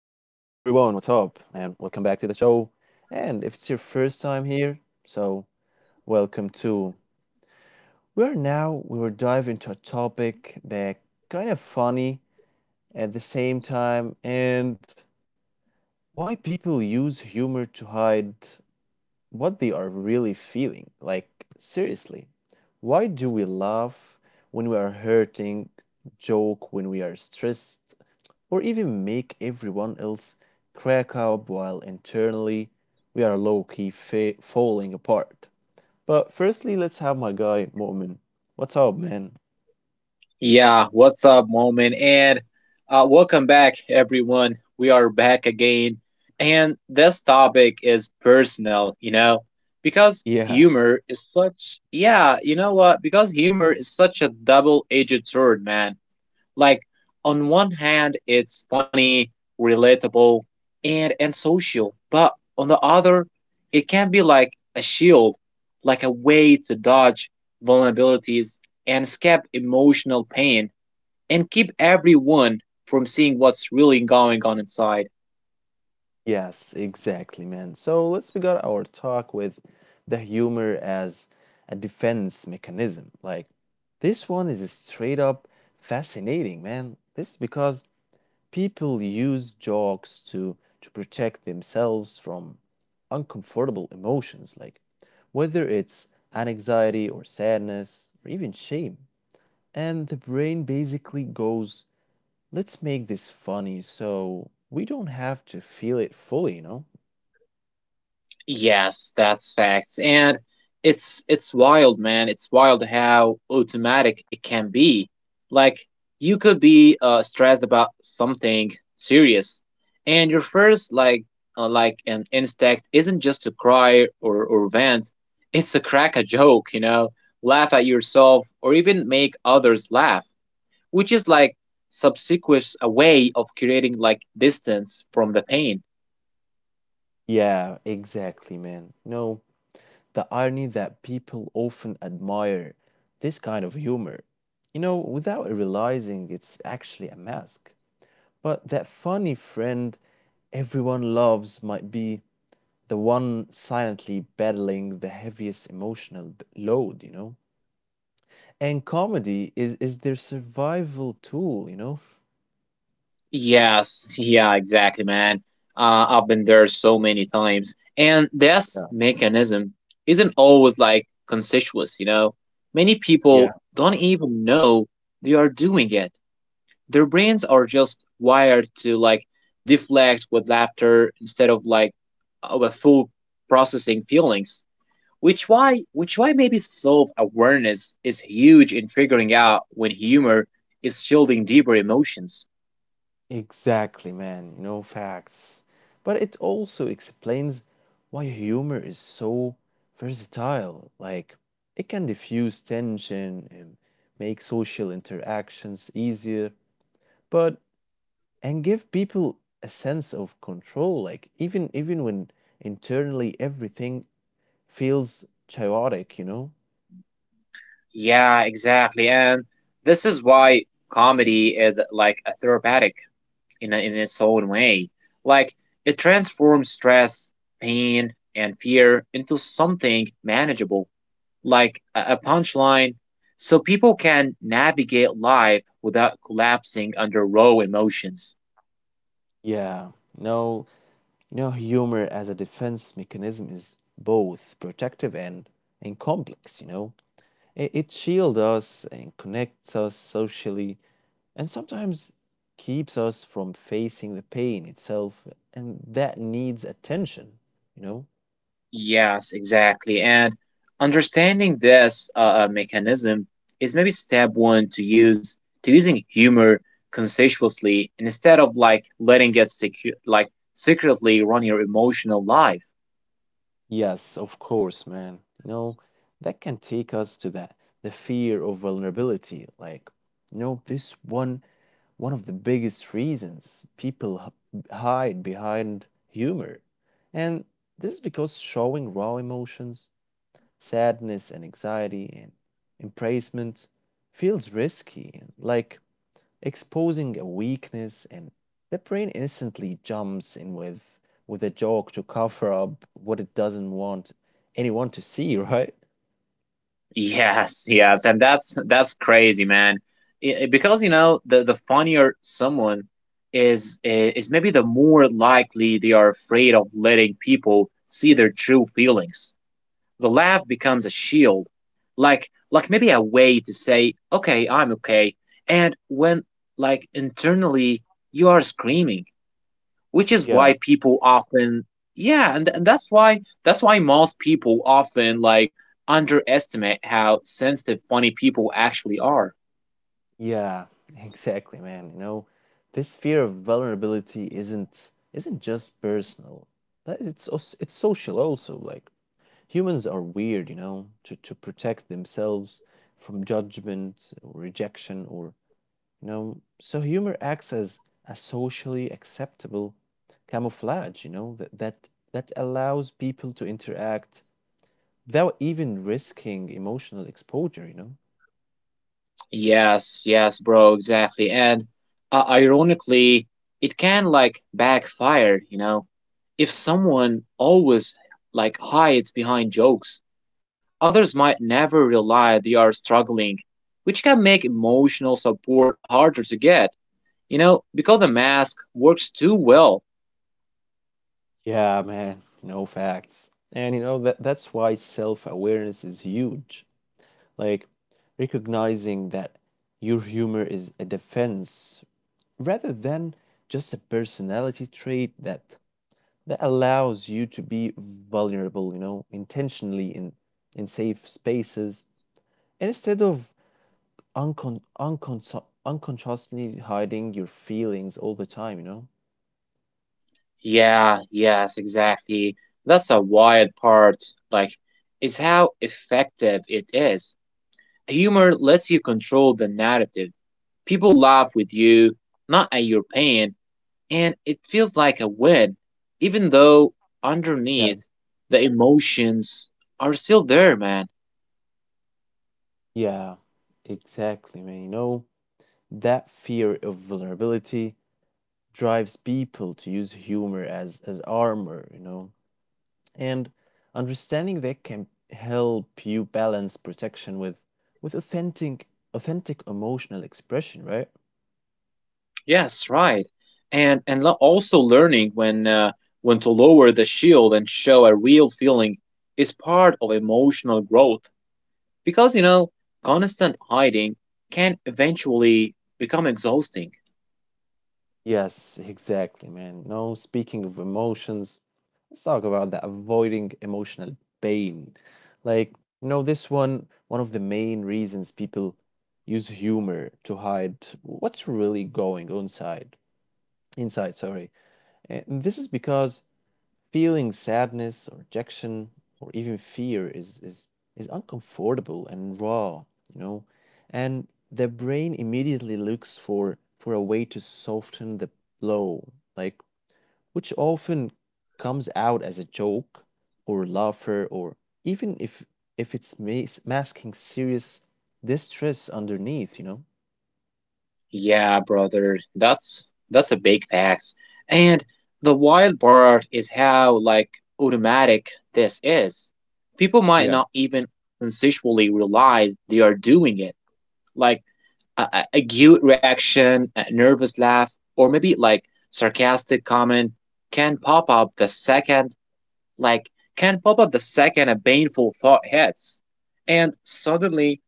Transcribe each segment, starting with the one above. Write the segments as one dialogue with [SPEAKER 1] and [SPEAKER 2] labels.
[SPEAKER 1] up? And welcome back to the show. And if it's your first time here, welcome too. We will dive into a topic that kind of funny at the same time and why people use humor to hide what they are really feeling. Like, seriously, why do we laugh when we are hurting, joke when we are stressed, or even make everyone else crack up while internally we are low key falling apart. But firstly, let's have my guy, Mu'min. What's up, man?
[SPEAKER 2] Yeah, what's up, Moment? And welcome back, everyone. We are back again. And this topic is personal, you know, because
[SPEAKER 1] Yeah,
[SPEAKER 2] humor is such, yeah, you know what? Because humor is such a double edged sword, man. Like, on one hand, it's funny, relatable, and social. But on the other, it can be like a shield, like a way to dodge vulnerabilities and escape emotional pain and keep everyone from seeing what's really going on inside.
[SPEAKER 1] yes, exactly, man. So let's begin our talk with the humor as a defense mechanism. Like, this one is straight up fascinating, man. This is because people use jokes to protect themselves from uncomfortable emotions, like whether it's anxiety or sadness or even shame, and the brain basically goes, let's make this funny so we don't have to feel it fully, you know?
[SPEAKER 2] Yes, that's facts. And it's wild, man. It's wild how automatic it can be. Like you could be stressed about something serious, and your first like an instinct isn't just to cry or vent. It's to crack a joke, you know, laugh at yourself or even make others laugh. Which is like subsequent a way of creating like distance from the pain.
[SPEAKER 1] Yeah, exactly, man. No, the irony that people often admire this kind of humor, you know, without realizing it's actually a mask. But that funny friend everyone loves might be the one silently battling the heaviest emotional load, you know? And comedy is their survival tool, you know?
[SPEAKER 2] Yes, yeah, exactly, man. I've been there so many times, and this
[SPEAKER 1] Yeah.
[SPEAKER 2] mechanism isn't always like conscious, you know. Many
[SPEAKER 1] Yeah.
[SPEAKER 2] people don't even know they are doing it. Their brains are just wired to like deflect with laughter instead of like of a full processing feelings. Which why maybe self awareness is huge in figuring out when humor is shielding deeper emotions.
[SPEAKER 1] Exactly, man. You know, facts. But it also explains why humor is so versatile. Like, it can diffuse tension and make social interactions easier. But and give people a sense of control, like even when internally everything feels chaotic, you know?
[SPEAKER 2] Yeah, exactly. And this is why comedy is like a therapeutic in in its own way. Like it transforms stress, pain, and fear into something manageable, like a punchline, so people can navigate life without collapsing under raw emotions.
[SPEAKER 1] Yeah, no, you know, humor as a defense mechanism is both protective and complex, you know. It shields us and connects us socially and sometimes keeps us from facing the pain itself, and that needs attention, you know.
[SPEAKER 2] Yes, exactly. And understanding this mechanism is maybe step one to use to using humor conscientiously instead of like letting it secretly run your emotional life.
[SPEAKER 1] Yes, of course, man. You know, that can take us to that, the fear of vulnerability. Like, you know, this one, one of the biggest reasons people hide behind humor. And this is because showing raw emotions, sadness and anxiety and embracement, feels risky and like exposing a weakness, and the brain instantly jumps in with a joke to cover up what it doesn't want anyone to see, right?
[SPEAKER 2] Yes, yes, and that's crazy, man. Because you know the funnier someone is maybe the more likely they are afraid of letting people see their true feelings. The laugh becomes a shield, like maybe a way to say, okay, I'm okay. And when like internally you are screaming, which is
[SPEAKER 1] Yeah.
[SPEAKER 2] why people often, yeah, and that's why most people often like underestimate how sensitive funny people actually are.
[SPEAKER 1] Yeah, exactly, man. You know, this fear of vulnerability isn't just personal. It's also, it's social also. Like humans are weird, you know, to protect themselves from judgment or rejection or, you know, so humor acts as a socially acceptable camouflage, you know, that allows people to interact without even risking emotional exposure, you know.
[SPEAKER 2] Yes, yes, bro, exactly. And ironically, it can like backfire, you know. If someone always like hides behind jokes, others might never realize they are struggling, which can make emotional support harder to get, you know, because the mask works too well.
[SPEAKER 1] Yeah, man, no facts. And you know, that's why self-awareness is huge. Like, recognizing that your humor is a defense rather than just a personality trait, that allows you to be vulnerable, you know, intentionally in safe spaces, and instead of unconsciously hiding your feelings all the time, you know?
[SPEAKER 2] Yeah, yes, exactly. That's a wild part, like, is how effective it is. Humor lets you control the narrative. People laugh with you, not at your pain, and it feels like a win, even though
[SPEAKER 1] Yeah,
[SPEAKER 2] underneath the emotions are still there, man.
[SPEAKER 1] yeah, exactly, man. You know, that fear of vulnerability drives people to use humor as armor, you know? And understanding that can help you balance protection with authentic emotional expression, right?
[SPEAKER 2] Yes, right. And also learning when to lower the shield and show a real feeling is part of emotional growth because you know constant hiding can eventually become exhausting.
[SPEAKER 1] Yes, exactly, man. No, speaking of emotions, let's talk about that, avoiding emotional pain. Like, you know, this one, one of the main reasons people use humor to hide what's really going on inside. Inside, sorry. And this is because feeling sadness or rejection or even fear is uncomfortable and raw, you know, and the brain immediately looks for a way to soften the blow, like, which often comes out as a joke or laughter, or even if it's masking serious distress underneath, you know.
[SPEAKER 2] Yeah, brother, that's a big facts. And the wild part is how like automatic this is. People might
[SPEAKER 1] Yeah.
[SPEAKER 2] not even conceptually realize they are doing it. Like a cute reaction, a nervous laugh, or maybe like sarcastic comment can pop up the second like can pop up the second a painful thought hits. And suddenly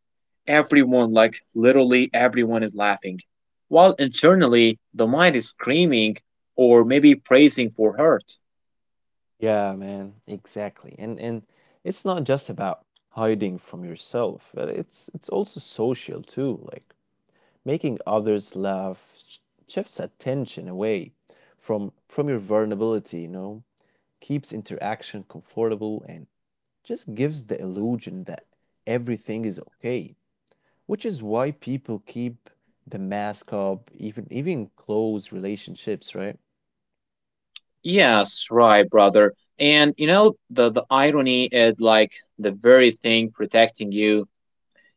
[SPEAKER 2] everyone, like literally everyone, is laughing, while internally the mind is screaming or maybe praising for hurt.
[SPEAKER 1] Yeah, man, exactly. And it's not just about hiding from yourself. It's also social too, like making others laugh sh- shifts attention away from your vulnerability, you know, keeps interaction comfortable and just gives the illusion that everything is okay, which is why people keep the mask up, even close relationships, right?
[SPEAKER 2] Yes, right, brother. And you know the irony is like the very thing protecting you,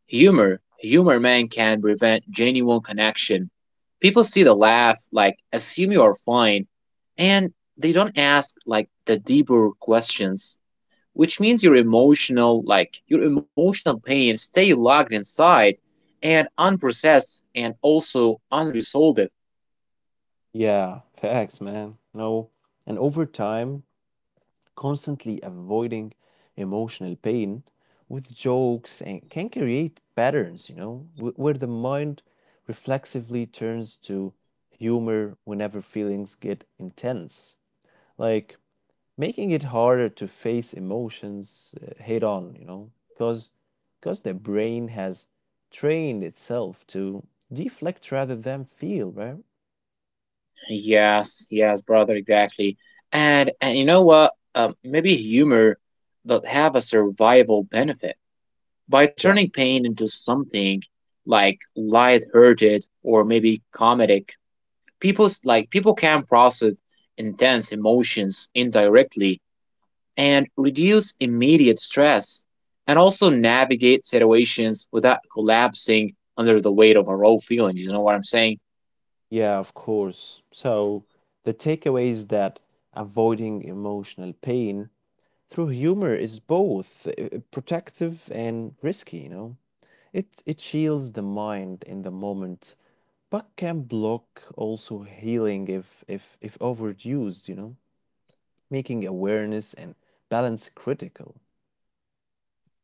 [SPEAKER 2] humor, humor, man, can prevent genuine connection. People see the laugh, like, assume you are fine, and they don't ask, like, the deeper questions, which means your emotional, like, your emotional pain stay locked inside and unprocessed and also unresolved.
[SPEAKER 1] Yeah, facts, man. No. And over time, constantly avoiding emotional pain with jokes and can create patterns, you know, where the mind reflexively turns to humor whenever feelings get intense, like, making it harder to face emotions head on, you know, because the brain has trained itself to deflect rather than feel, right?
[SPEAKER 2] Yes, yes, brother, exactly. And you know what? Maybe humor does have a survival benefit by
[SPEAKER 1] Yeah.
[SPEAKER 2] turning pain into something like lighthearted or maybe comedic. People can process intense emotions indirectly and reduce immediate stress and also navigate situations without collapsing under the weight of a raw feeling. You know what I'm saying?
[SPEAKER 1] Yeah, of course. So the takeaway is that avoiding emotional pain through humor is both protective and risky, you know. It shields the mind in the moment, but can block also healing if overused, you know, making awareness and balance critical.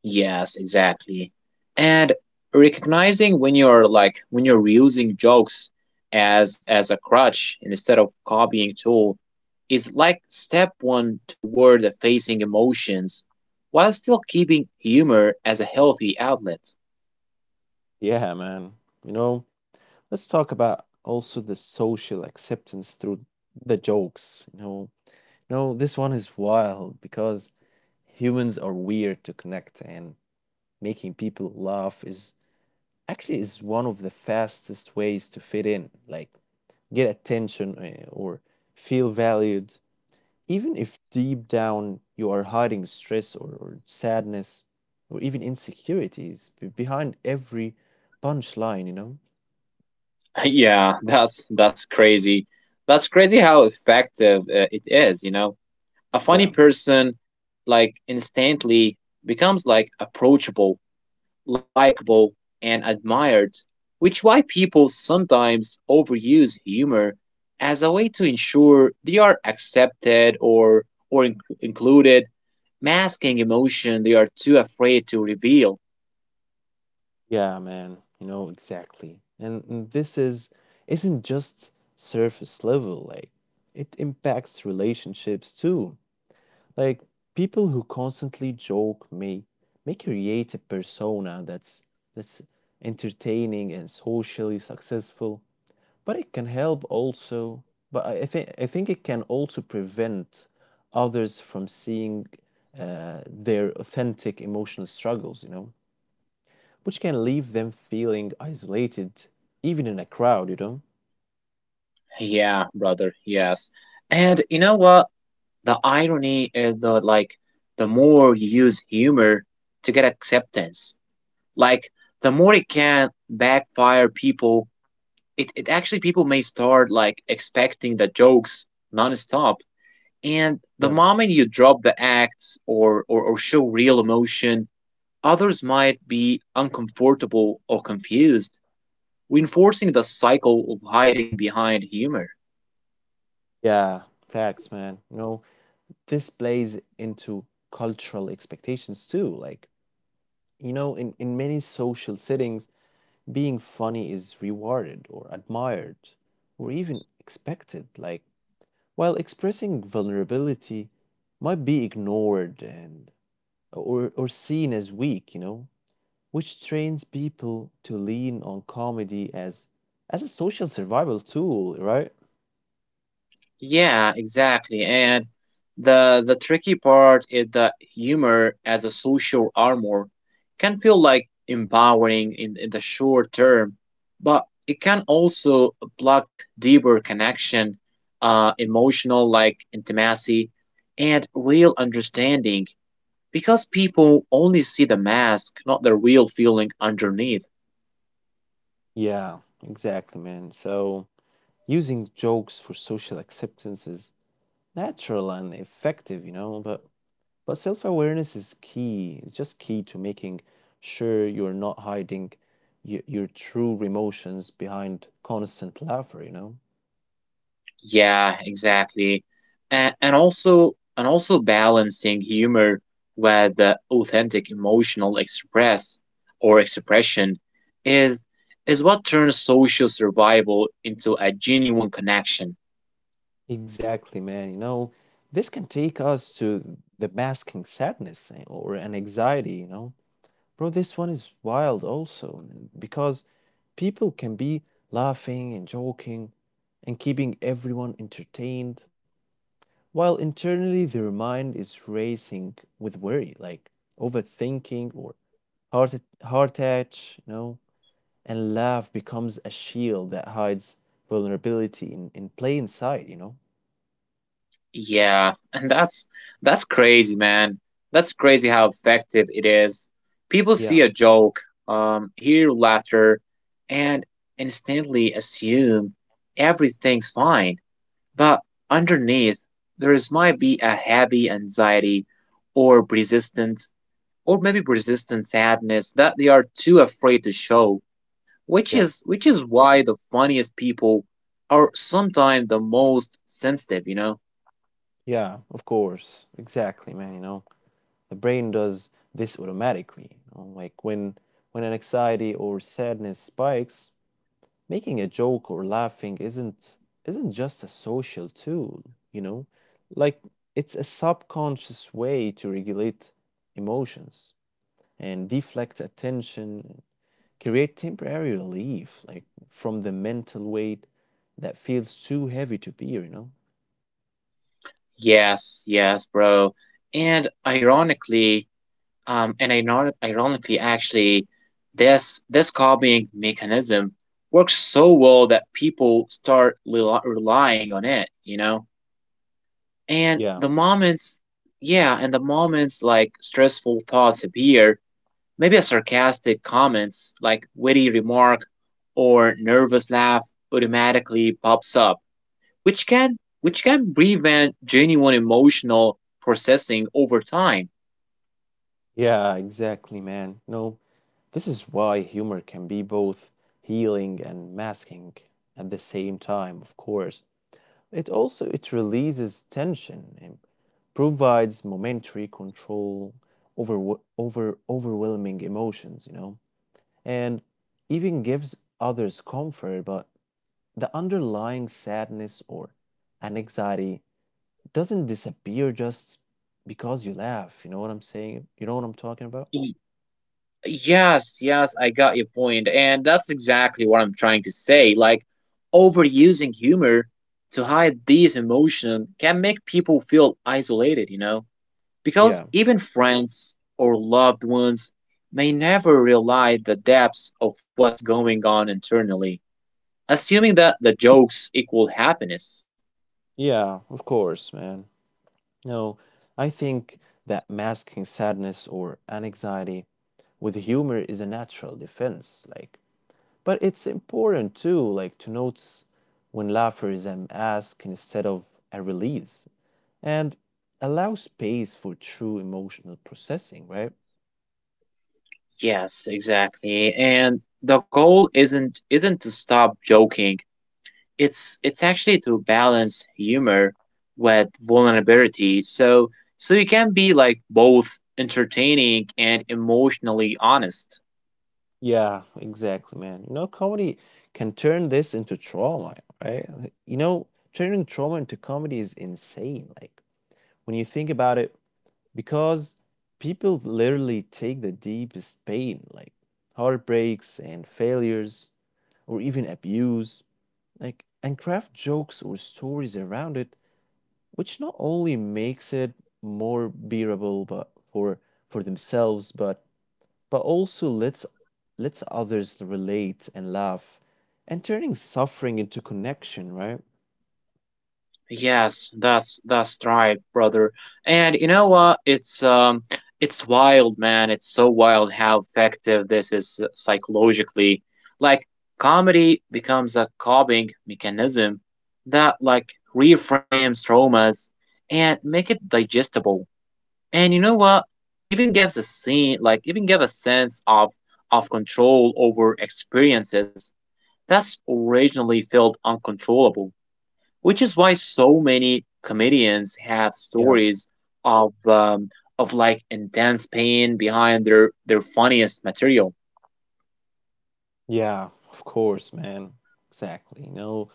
[SPEAKER 2] Yes, exactly. And recognizing when you're like when you're using jokes as a crutch instead of copying tool is like step one toward facing emotions while still keeping humor as a healthy outlet.
[SPEAKER 1] Yeah, man. You know, let's talk about also the social acceptance through the jokes. You know, this one is wild because humans are weird to connect, and making people laugh is actually is one of the fastest ways to fit in, like get attention or feel valued, even if deep down you are hiding stress or sadness or even insecurities behind every punchline, you know?
[SPEAKER 2] Yeah, that's crazy. That's crazy how effective it is, you know. A
[SPEAKER 1] Yeah.
[SPEAKER 2] funny person like instantly becomes like approachable, likable, and admired, which why people sometimes overuse humor as a way to ensure they are accepted or included, masking emotion they are too afraid to reveal.
[SPEAKER 1] Yeah, man, you know, exactly. And this is isn't just surface level, like it impacts relationships too. Like, people who constantly joke may create a persona that's that's entertaining and socially successful, but it can help also, but I think it can also prevent others from seeing their authentic emotional struggles, you know? Which can leave them feeling isolated, even in a crowd, you know?
[SPEAKER 2] Yeah, brother. Yes. And you know what? The irony is that like the more you use humor to get acceptance, like the more it can backfire people it actually people may start like expecting the jokes nonstop. And
[SPEAKER 1] Yeah.
[SPEAKER 2] the moment you drop the acts or, or show real emotion, others might be uncomfortable or confused, reinforcing the cycle of hiding behind humor.
[SPEAKER 1] Yeah, facts, man. You know, this plays into cultural expectations too. Like, you know, in many social settings, being funny is rewarded or admired or even expected. Like, while expressing vulnerability might be ignored and or seen as weak, you know? Which trains people to lean on comedy as a social survival tool, right?
[SPEAKER 2] Yeah, exactly. And the tricky part is that humor as a social armor can feel like empowering in the short term, but it can also block deeper connection, emotional like intimacy, and real understanding because people only see the mask, not the real feeling underneath.
[SPEAKER 1] Yeah, exactly, man. So using jokes for social acceptance is natural and effective, you know, but self-awareness is key. It's just key to making sure you're not hiding your true emotions behind constant laughter, you know?
[SPEAKER 2] Yeah, exactly. And also balancing humor with authentic emotional expression is what turns social survival into a genuine connection.
[SPEAKER 1] Exactly, man. You know, this can take us to the masking sadness or an anxiety, you know? Bro, this one is wild also because people can be laughing and joking and keeping everyone entertained while internally their mind is racing with worry, like overthinking or heart, heart attach, you know, and laugh becomes a shield that hides vulnerability in plain sight, you know?
[SPEAKER 2] Yeah, and that's crazy, man. That's crazy how effective it is. People see
[SPEAKER 1] Yeah,
[SPEAKER 2] a joke, hear laughter, and instantly assume everything's fine. But underneath, there is might be a heavy anxiety or resistance or maybe resistant sadness that they are too afraid to show, which
[SPEAKER 1] yeah,
[SPEAKER 2] is which is why the funniest people are sometimes the most sensitive, you know?
[SPEAKER 1] yeah, of course. Exactly, man, you know, the brain does this automatically, you know, like when an anxiety or sadness spikes, making a joke or laughing isn't just a social tool, you know? Like, it's a subconscious way to regulate emotions and deflect attention, create temporary relief, like from the mental weight that feels too heavy to bear, you know?
[SPEAKER 2] Yes, yes, bro. And ironically, and iron ironically, actually, this copying mechanism works so well that people start relying on it, you know? And
[SPEAKER 1] Yeah.
[SPEAKER 2] the moments, yeah, and the moments like stressful thoughts appear, maybe a sarcastic comments like witty remark or nervous laugh automatically pops up, which can prevent genuine emotional processing over time.
[SPEAKER 1] Yeah, exactly, man. No, this is why humor can be both healing and masking at the same time, of course. It also it releases tension and provides momentary control over overwhelming emotions, you know, and even gives others comfort, but the underlying sadness or anxiety doesn't disappear just because you laugh. You know what I'm saying? You know what I'm talking about?
[SPEAKER 2] Y- Yes, yes, I got your point, and that's exactly what I'm trying to say. Like overusing humor to hide these emotions can make people feel isolated, you know?
[SPEAKER 1] Yeah.
[SPEAKER 2] Because even friends or loved ones may never realize the depths of what's going on internally, assuming that the jokes equal happiness.
[SPEAKER 1] Yeah, of course, man. No, I think that masking sadness or anxiety with humor is a natural defense. Like, but it's important too, like to notice when laughter is an ask instead of a release, and allow space for true emotional processing, right?
[SPEAKER 2] Yes, exactly. And the goal isn't to stop joking. It's actually to balance humor with vulnerability. So you can be like both entertaining and emotionally honest.
[SPEAKER 1] Yeah, exactly, man. You know, comedy can turn this into trauma, right? You know, turning trauma into comedy is insane. Like, when you think about it, because people literally take the deepest pain, like heartbreaks and failures, or even abuse, like, and craft jokes or stories around it, which not only makes it more bearable but for themselves, but also lets others relate and laugh, and turning suffering into connection, right?
[SPEAKER 2] Yes, that's right, brother. And you know what? It's wild, man. It's so wild how effective this is psychologically. Like comedy becomes a coping mechanism that like reframes traumas and make it digestible. And you know what? Even give a sense of control over experiences that's originally felt uncontrollable, which is why so many comedians have
[SPEAKER 1] Yeah.
[SPEAKER 2] stories of um, of like intense pain behind their funniest material.
[SPEAKER 1] Yeah, of course, man. Exactly. You know,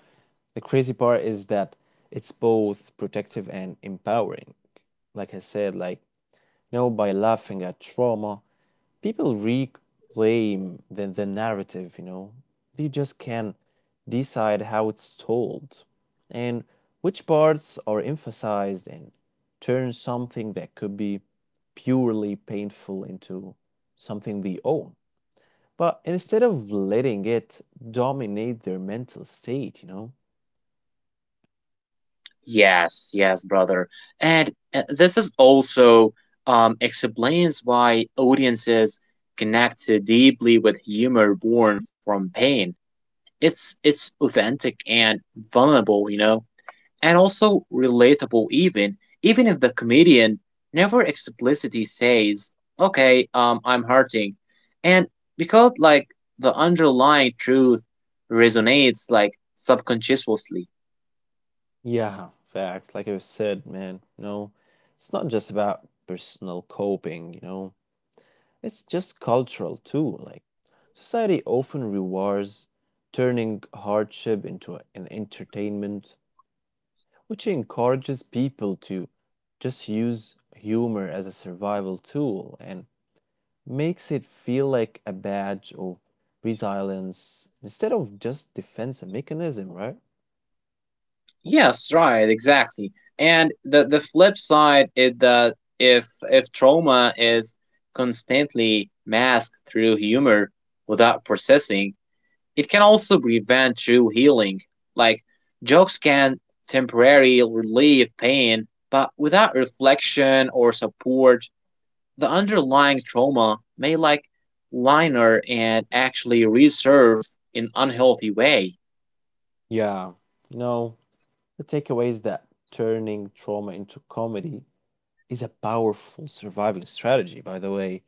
[SPEAKER 1] the crazy part is that it's both protective and empowering. Like I said, like, you know, by laughing at trauma, people reclaim the narrative, you know. They just can decide how it's told and which parts are emphasized and turn something that could be purely painful into something they own. But instead of letting it dominate their mental state, you know,
[SPEAKER 2] Yes, yes, brother. And this is also explains why audiences connect deeply with humor born from pain. It's authentic and vulnerable, you know, and also relatable, even if the comedian never explicitly says, okay, I'm hurting. And because like the underlying truth resonates like subconsciously.
[SPEAKER 1] yeah, facts. Like I said, man, you know, it's not just about personal coping, you know, it's just cultural too. Like, society often rewards turning hardship into an entertainment, which encourages people to just use humor as a survival tool and makes it feel like a badge of resilience instead of just defense mechanism, right?
[SPEAKER 2] Yes, right, exactly. And the flip side is that if trauma is constantly masked through humor without processing, it can also prevent true healing. Like, jokes can temporarily relieve pain, but without reflection or support, the underlying trauma may like liner and actually resurface in an unhealthy way.
[SPEAKER 1] Yeah, no. The takeaway is that turning trauma into comedy is a powerful surviving strategy, by the way,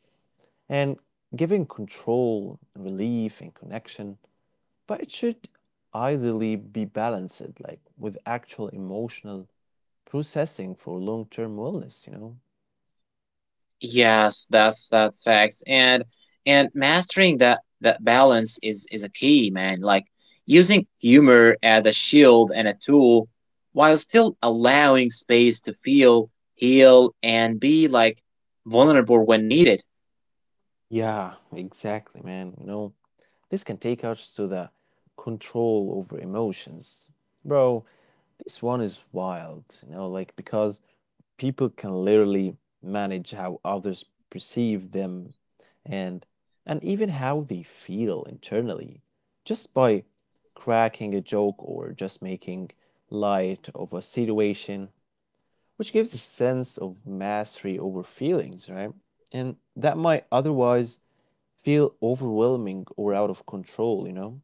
[SPEAKER 1] and giving control, relief, and connection, but it should ideally be balanced, like with actual emotional processing for long term wellness, you know?
[SPEAKER 2] Yes, that's facts. And mastering that balance is a key, man. Like using humor as a shield and a tool while still allowing space to feel, heal, and be like vulnerable when needed.
[SPEAKER 1] Yeah, exactly, man. You know, this can take us to the control over emotions. Bro, this one is wild, you know, like because people can literally manage how others perceive them and and even how they feel internally just by cracking a joke or just making light of a situation, which gives a sense of mastery over feelings, right? And that might otherwise feel overwhelming or out of control, you know?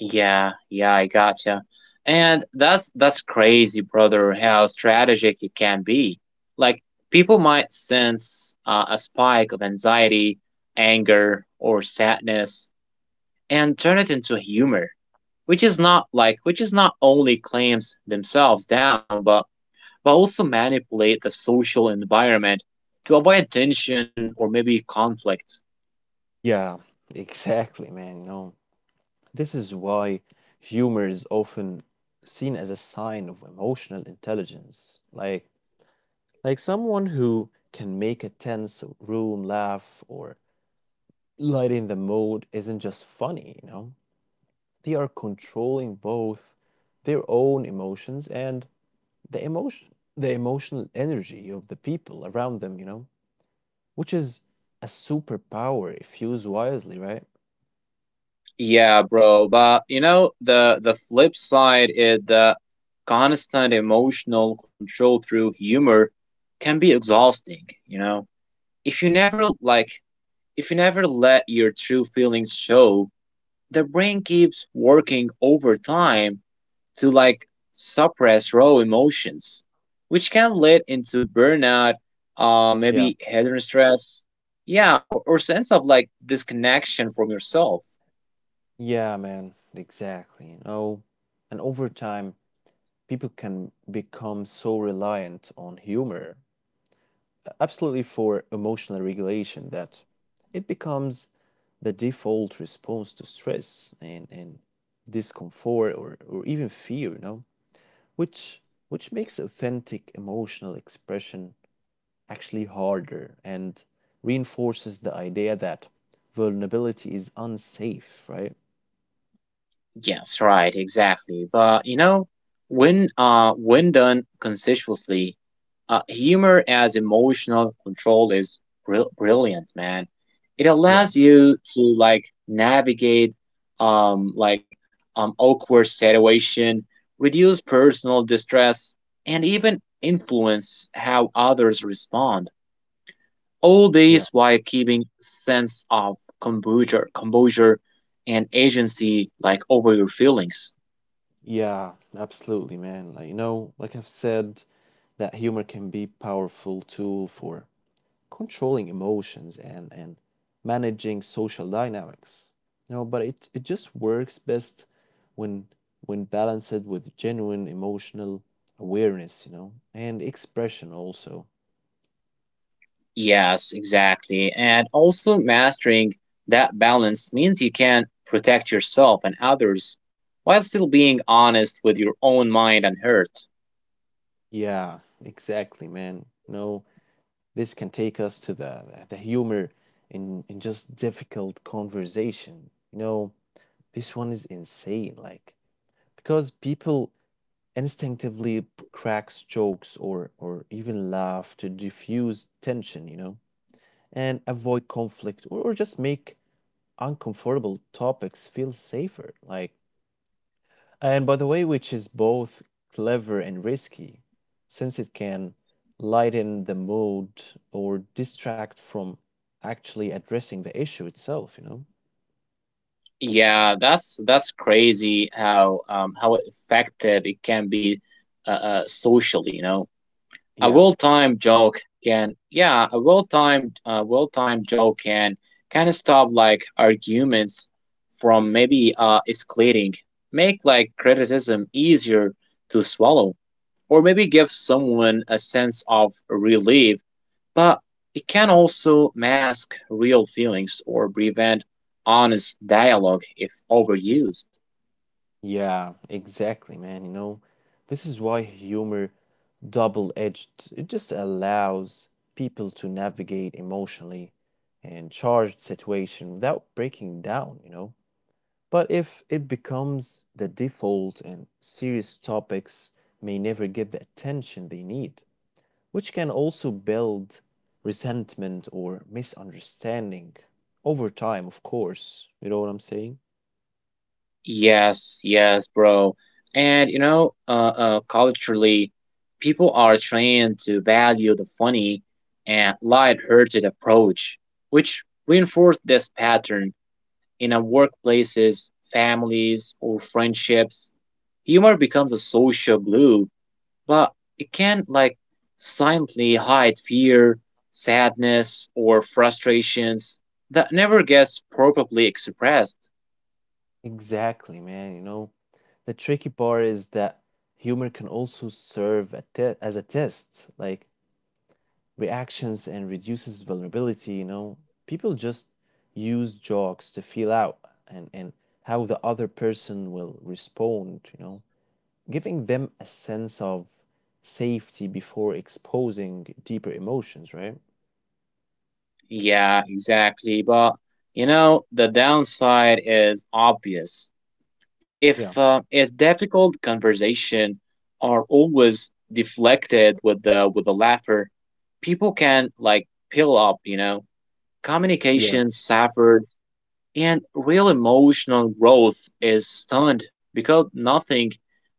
[SPEAKER 2] Yeah, yeah, I gotcha. And that's crazy, brother, how strategic it can be. Like people might sense a spike of anxiety, anger, or sadness and turn it into humor, which is not only claims themselves down, but also manipulate the social environment to avoid tension or maybe conflict.
[SPEAKER 1] Yeah, exactly, man. You know, this is why humor is often seen as a sign of emotional intelligence, like someone who can make a tense room laugh or lighten the mood isn't just funny, you know. They are controlling both their own emotions and the emotion the emotional energy of the people around them, you know, which is a superpower if used wisely, right?
[SPEAKER 2] Yeah, bro, but you know the flip side is that constant emotional control through humor can be exhausting, you know. If you never like if you never let your true feelings show, the brain keeps working overtime to like suppress raw emotions, which can lead into burnout,
[SPEAKER 1] Yeah.
[SPEAKER 2] maybe head stress, yeah, or, sense of like disconnection from yourself.
[SPEAKER 1] Yeah, man, exactly. You know, and over time people can become so reliant on humor, absolutely, for emotional regulation, that it becomes the default response to stress and discomfort, or even fear, you know, which which makes authentic emotional expression actually harder and reinforces the idea that vulnerability is unsafe, right?
[SPEAKER 2] Yes, right, exactly. But you know, when done conscientiously, humor as emotional control is brilliant, man. It
[SPEAKER 1] Yeah,
[SPEAKER 2] allows you to like navigate um like awkward situation, reduce personal distress, and even influence how others respond. All
[SPEAKER 1] yeah,
[SPEAKER 2] these while keeping sense of composure, and agency like over your feelings.
[SPEAKER 1] yeah, absolutely, man. Like, you know, like I've said, that humor can be a powerful tool for controlling emotions and managing social dynamics, you know, but it just works best when when balanced with genuine emotional awareness, you know, and expression also.
[SPEAKER 2] Yes, exactly. And also mastering that balance means you can protect yourself and others while still being honest with your own mind and hurt.
[SPEAKER 1] Yeah, exactly, man. You know, this can take us to the humor in just difficult conversation, you know. This one is insane, like because people instinctively cracks jokes or even laugh to diffuse tension, you know, and avoid conflict or just make uncomfortable topics feel safer. Like, and by the way, which is both clever and risky, since it can lighten the mood or distract from actually addressing the issue itself, you know?
[SPEAKER 2] Yeah, that's crazy how effective it can be socially, you know.
[SPEAKER 1] Yeah,
[SPEAKER 2] A well-timed joke can stop like arguments from maybe escalating, make like criticism easier to swallow, or maybe give someone a sense of relief, but it can also mask real feelings or prevent honest dialogue if overused.
[SPEAKER 1] yeah, exactly, man. You know, this is why humor double edged. It just allows people to navigate emotionally and charged situation without breaking down, you know. But if it becomes the default, and serious topics may never get the attention they need, which can also build resentment or misunderstanding over time, of course. You know what I'm saying?
[SPEAKER 2] Yes, yes, bro. And you know, culturally, people are trained to value the funny and light-hearted approach, which reinforce this pattern in our workplaces, families, or friendships. Humor becomes a social glue, but it can like silently hide fear, sadness, or frustrations that never gets properly expressed.
[SPEAKER 1] Exactly, man. You know, the tricky part is that humor can also serve as a test. Like, reactions and reduces vulnerability, you know. People just use jokes to feel out and how the other person will respond, you know, giving them a sense of safety before exposing deeper emotions, right?
[SPEAKER 2] Yeah, exactly. But you know, the downside is obvious.
[SPEAKER 1] Yeah,
[SPEAKER 2] If difficult conversation are always deflected with the laughter, people can like peel up. You know,
[SPEAKER 1] yeah,
[SPEAKER 2] communication suffers and real emotional growth is stunned because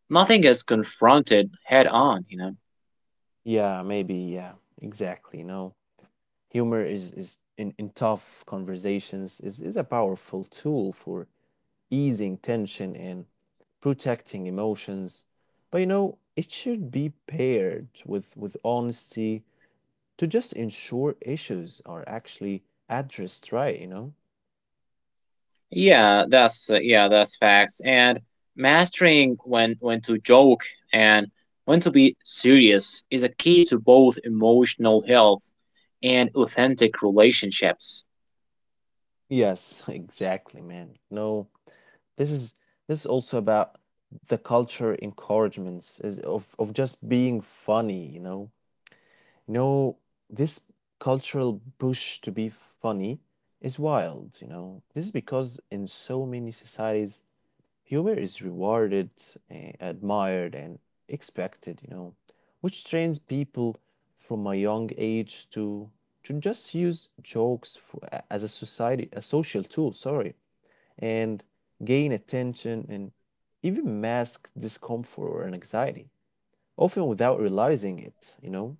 [SPEAKER 2] nothing is confronted head on, you know.
[SPEAKER 1] yeah, maybe, yeah, exactly. You know, humor is in tough conversations is a powerful tool for easing tension and protecting emotions. But you know, it should be paired with honesty to just ensure issues are actually addressed, right, you know?
[SPEAKER 2] That's facts and mastering when to joke and when to be serious is a key to both emotional health and authentic relationships.
[SPEAKER 1] Yes, exactly, man. No, this is this is also about the culture encouragements is of just being funny, you know. You know, this cultural push to be funny is wild, you know. This is because in so many societies humor is rewarded, eh, admired, and expected, you know, which trains people from a young age to just use jokes for, as a society, a social tool, sorry, and gain attention and even mask discomfort or anxiety, often without realizing it, you know?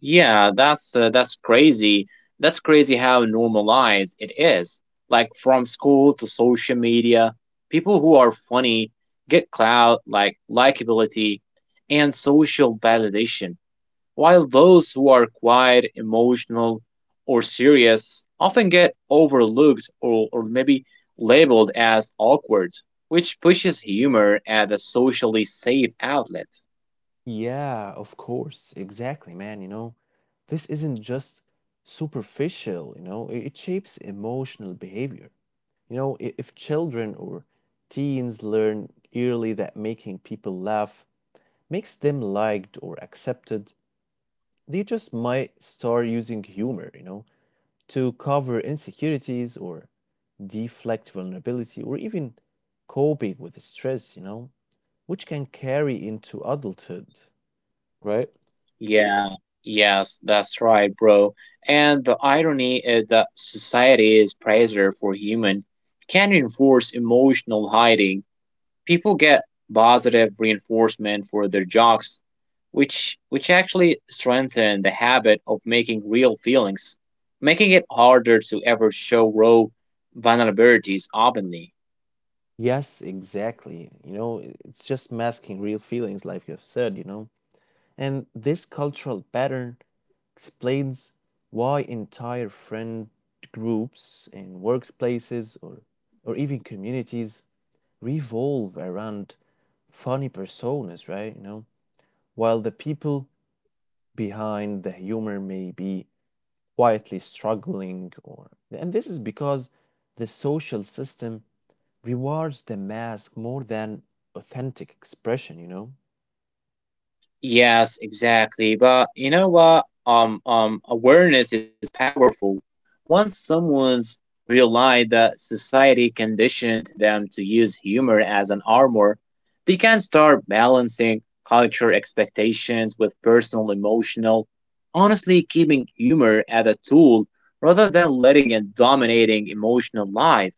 [SPEAKER 2] Yeah, that's crazy. That's crazy how normalized it is. Like from school to social media, people who are funny get clout, like likability, and social validation, while those who are quiet, emotional, or serious often get overlooked or, maybe labeled as awkward, which pushes humor as a socially safe outlet.
[SPEAKER 1] Yeah, of course, exactly, man, you know, this isn't just superficial, you know, it shapes emotional behavior. You know, if children or teens learn early that making people laugh makes them liked or accepted, they just might start using humor, you know, to cover insecurities or deflect vulnerability or even coping with stress, you know, which can carry into adulthood, right?
[SPEAKER 2] Yeah, yes, that's right, bro. And the irony is that society's pressure for human can reinforce emotional hiding. People get positive reinforcement for their jokes, which actually strengthen the habit of making real feelings, making it harder to ever show raw vulnerabilities openly.
[SPEAKER 1] Yes, exactly. You know, it's just masking real feelings, like you've said, you know. And this cultural pattern explains why entire friend groups in workplaces or even communities revolve around funny personas, right? You know, while the people behind the humor may be quietly struggling, or and this is because the social system rewards the mask more than authentic expression, you know?
[SPEAKER 2] Yes, exactly. But you know what? Awareness is powerful. Once someone's realized that society conditioned them to use humor as an armor, they can start balancing culture expectations with personal emotional. Honestly, keeping humor as a tool rather than letting it dominating emotional life.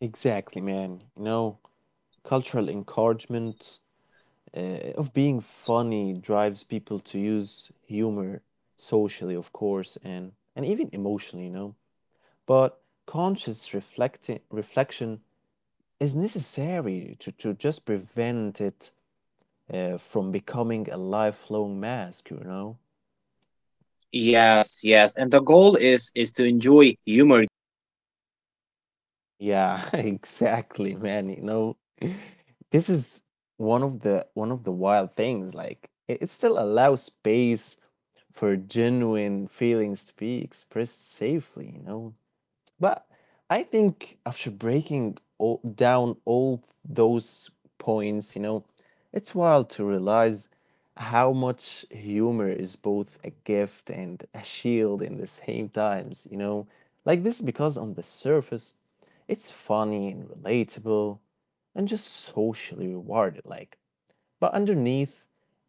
[SPEAKER 1] Exactly, man. You know, cultural encouragement of being funny drives people to use humor socially, of course, and even emotionally, you know. But conscious reflection is necessary to just prevent it from becoming a lifelong mask, you know?
[SPEAKER 2] Yes, yes. And the goal is to enjoy humor gain, social connection, and
[SPEAKER 1] Yeah,
[SPEAKER 2] still allow
[SPEAKER 1] exactly,
[SPEAKER 2] space
[SPEAKER 1] man. You
[SPEAKER 2] for
[SPEAKER 1] know,
[SPEAKER 2] genuine feelings
[SPEAKER 1] this
[SPEAKER 2] to
[SPEAKER 1] is
[SPEAKER 2] be expressed
[SPEAKER 1] one of the
[SPEAKER 2] safely.
[SPEAKER 1] wild things. Like it still allows space for genuine feelings to be expressed safely, you know? But I think after breaking down all those points, you know, it's wild to realize how much humor is both a gift and a shield in the same times, you know. Like this because on the surface, it's funny and relatable and just socially rewarded, like, but underneath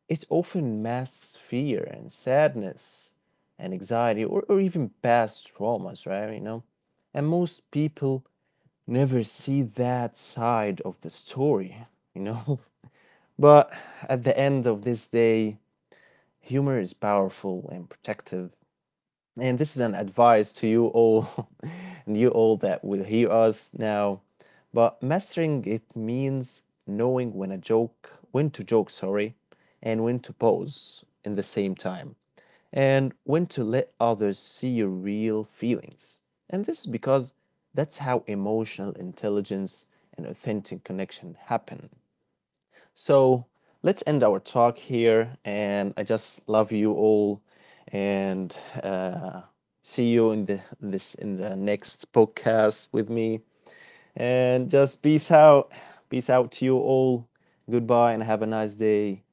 [SPEAKER 1] it often masks fear and sadness and anxiety, or even past traumas, right? You know, and most people never see that side of the story, you know. But at the end of this day, humor is powerful and protective. And this is an advice to you all and you all that will hear us now. But mastering it means knowing when to joke, sorry, and when to pause in the same time, and when to let others see your real feelings. And this is because that's how emotional intelligence and authentic connection happen. So let's end our talk here. And I just love you all, and uh, see you in the this in the next podcast with me. And just peace out to you all. Goodbye, and have a nice day.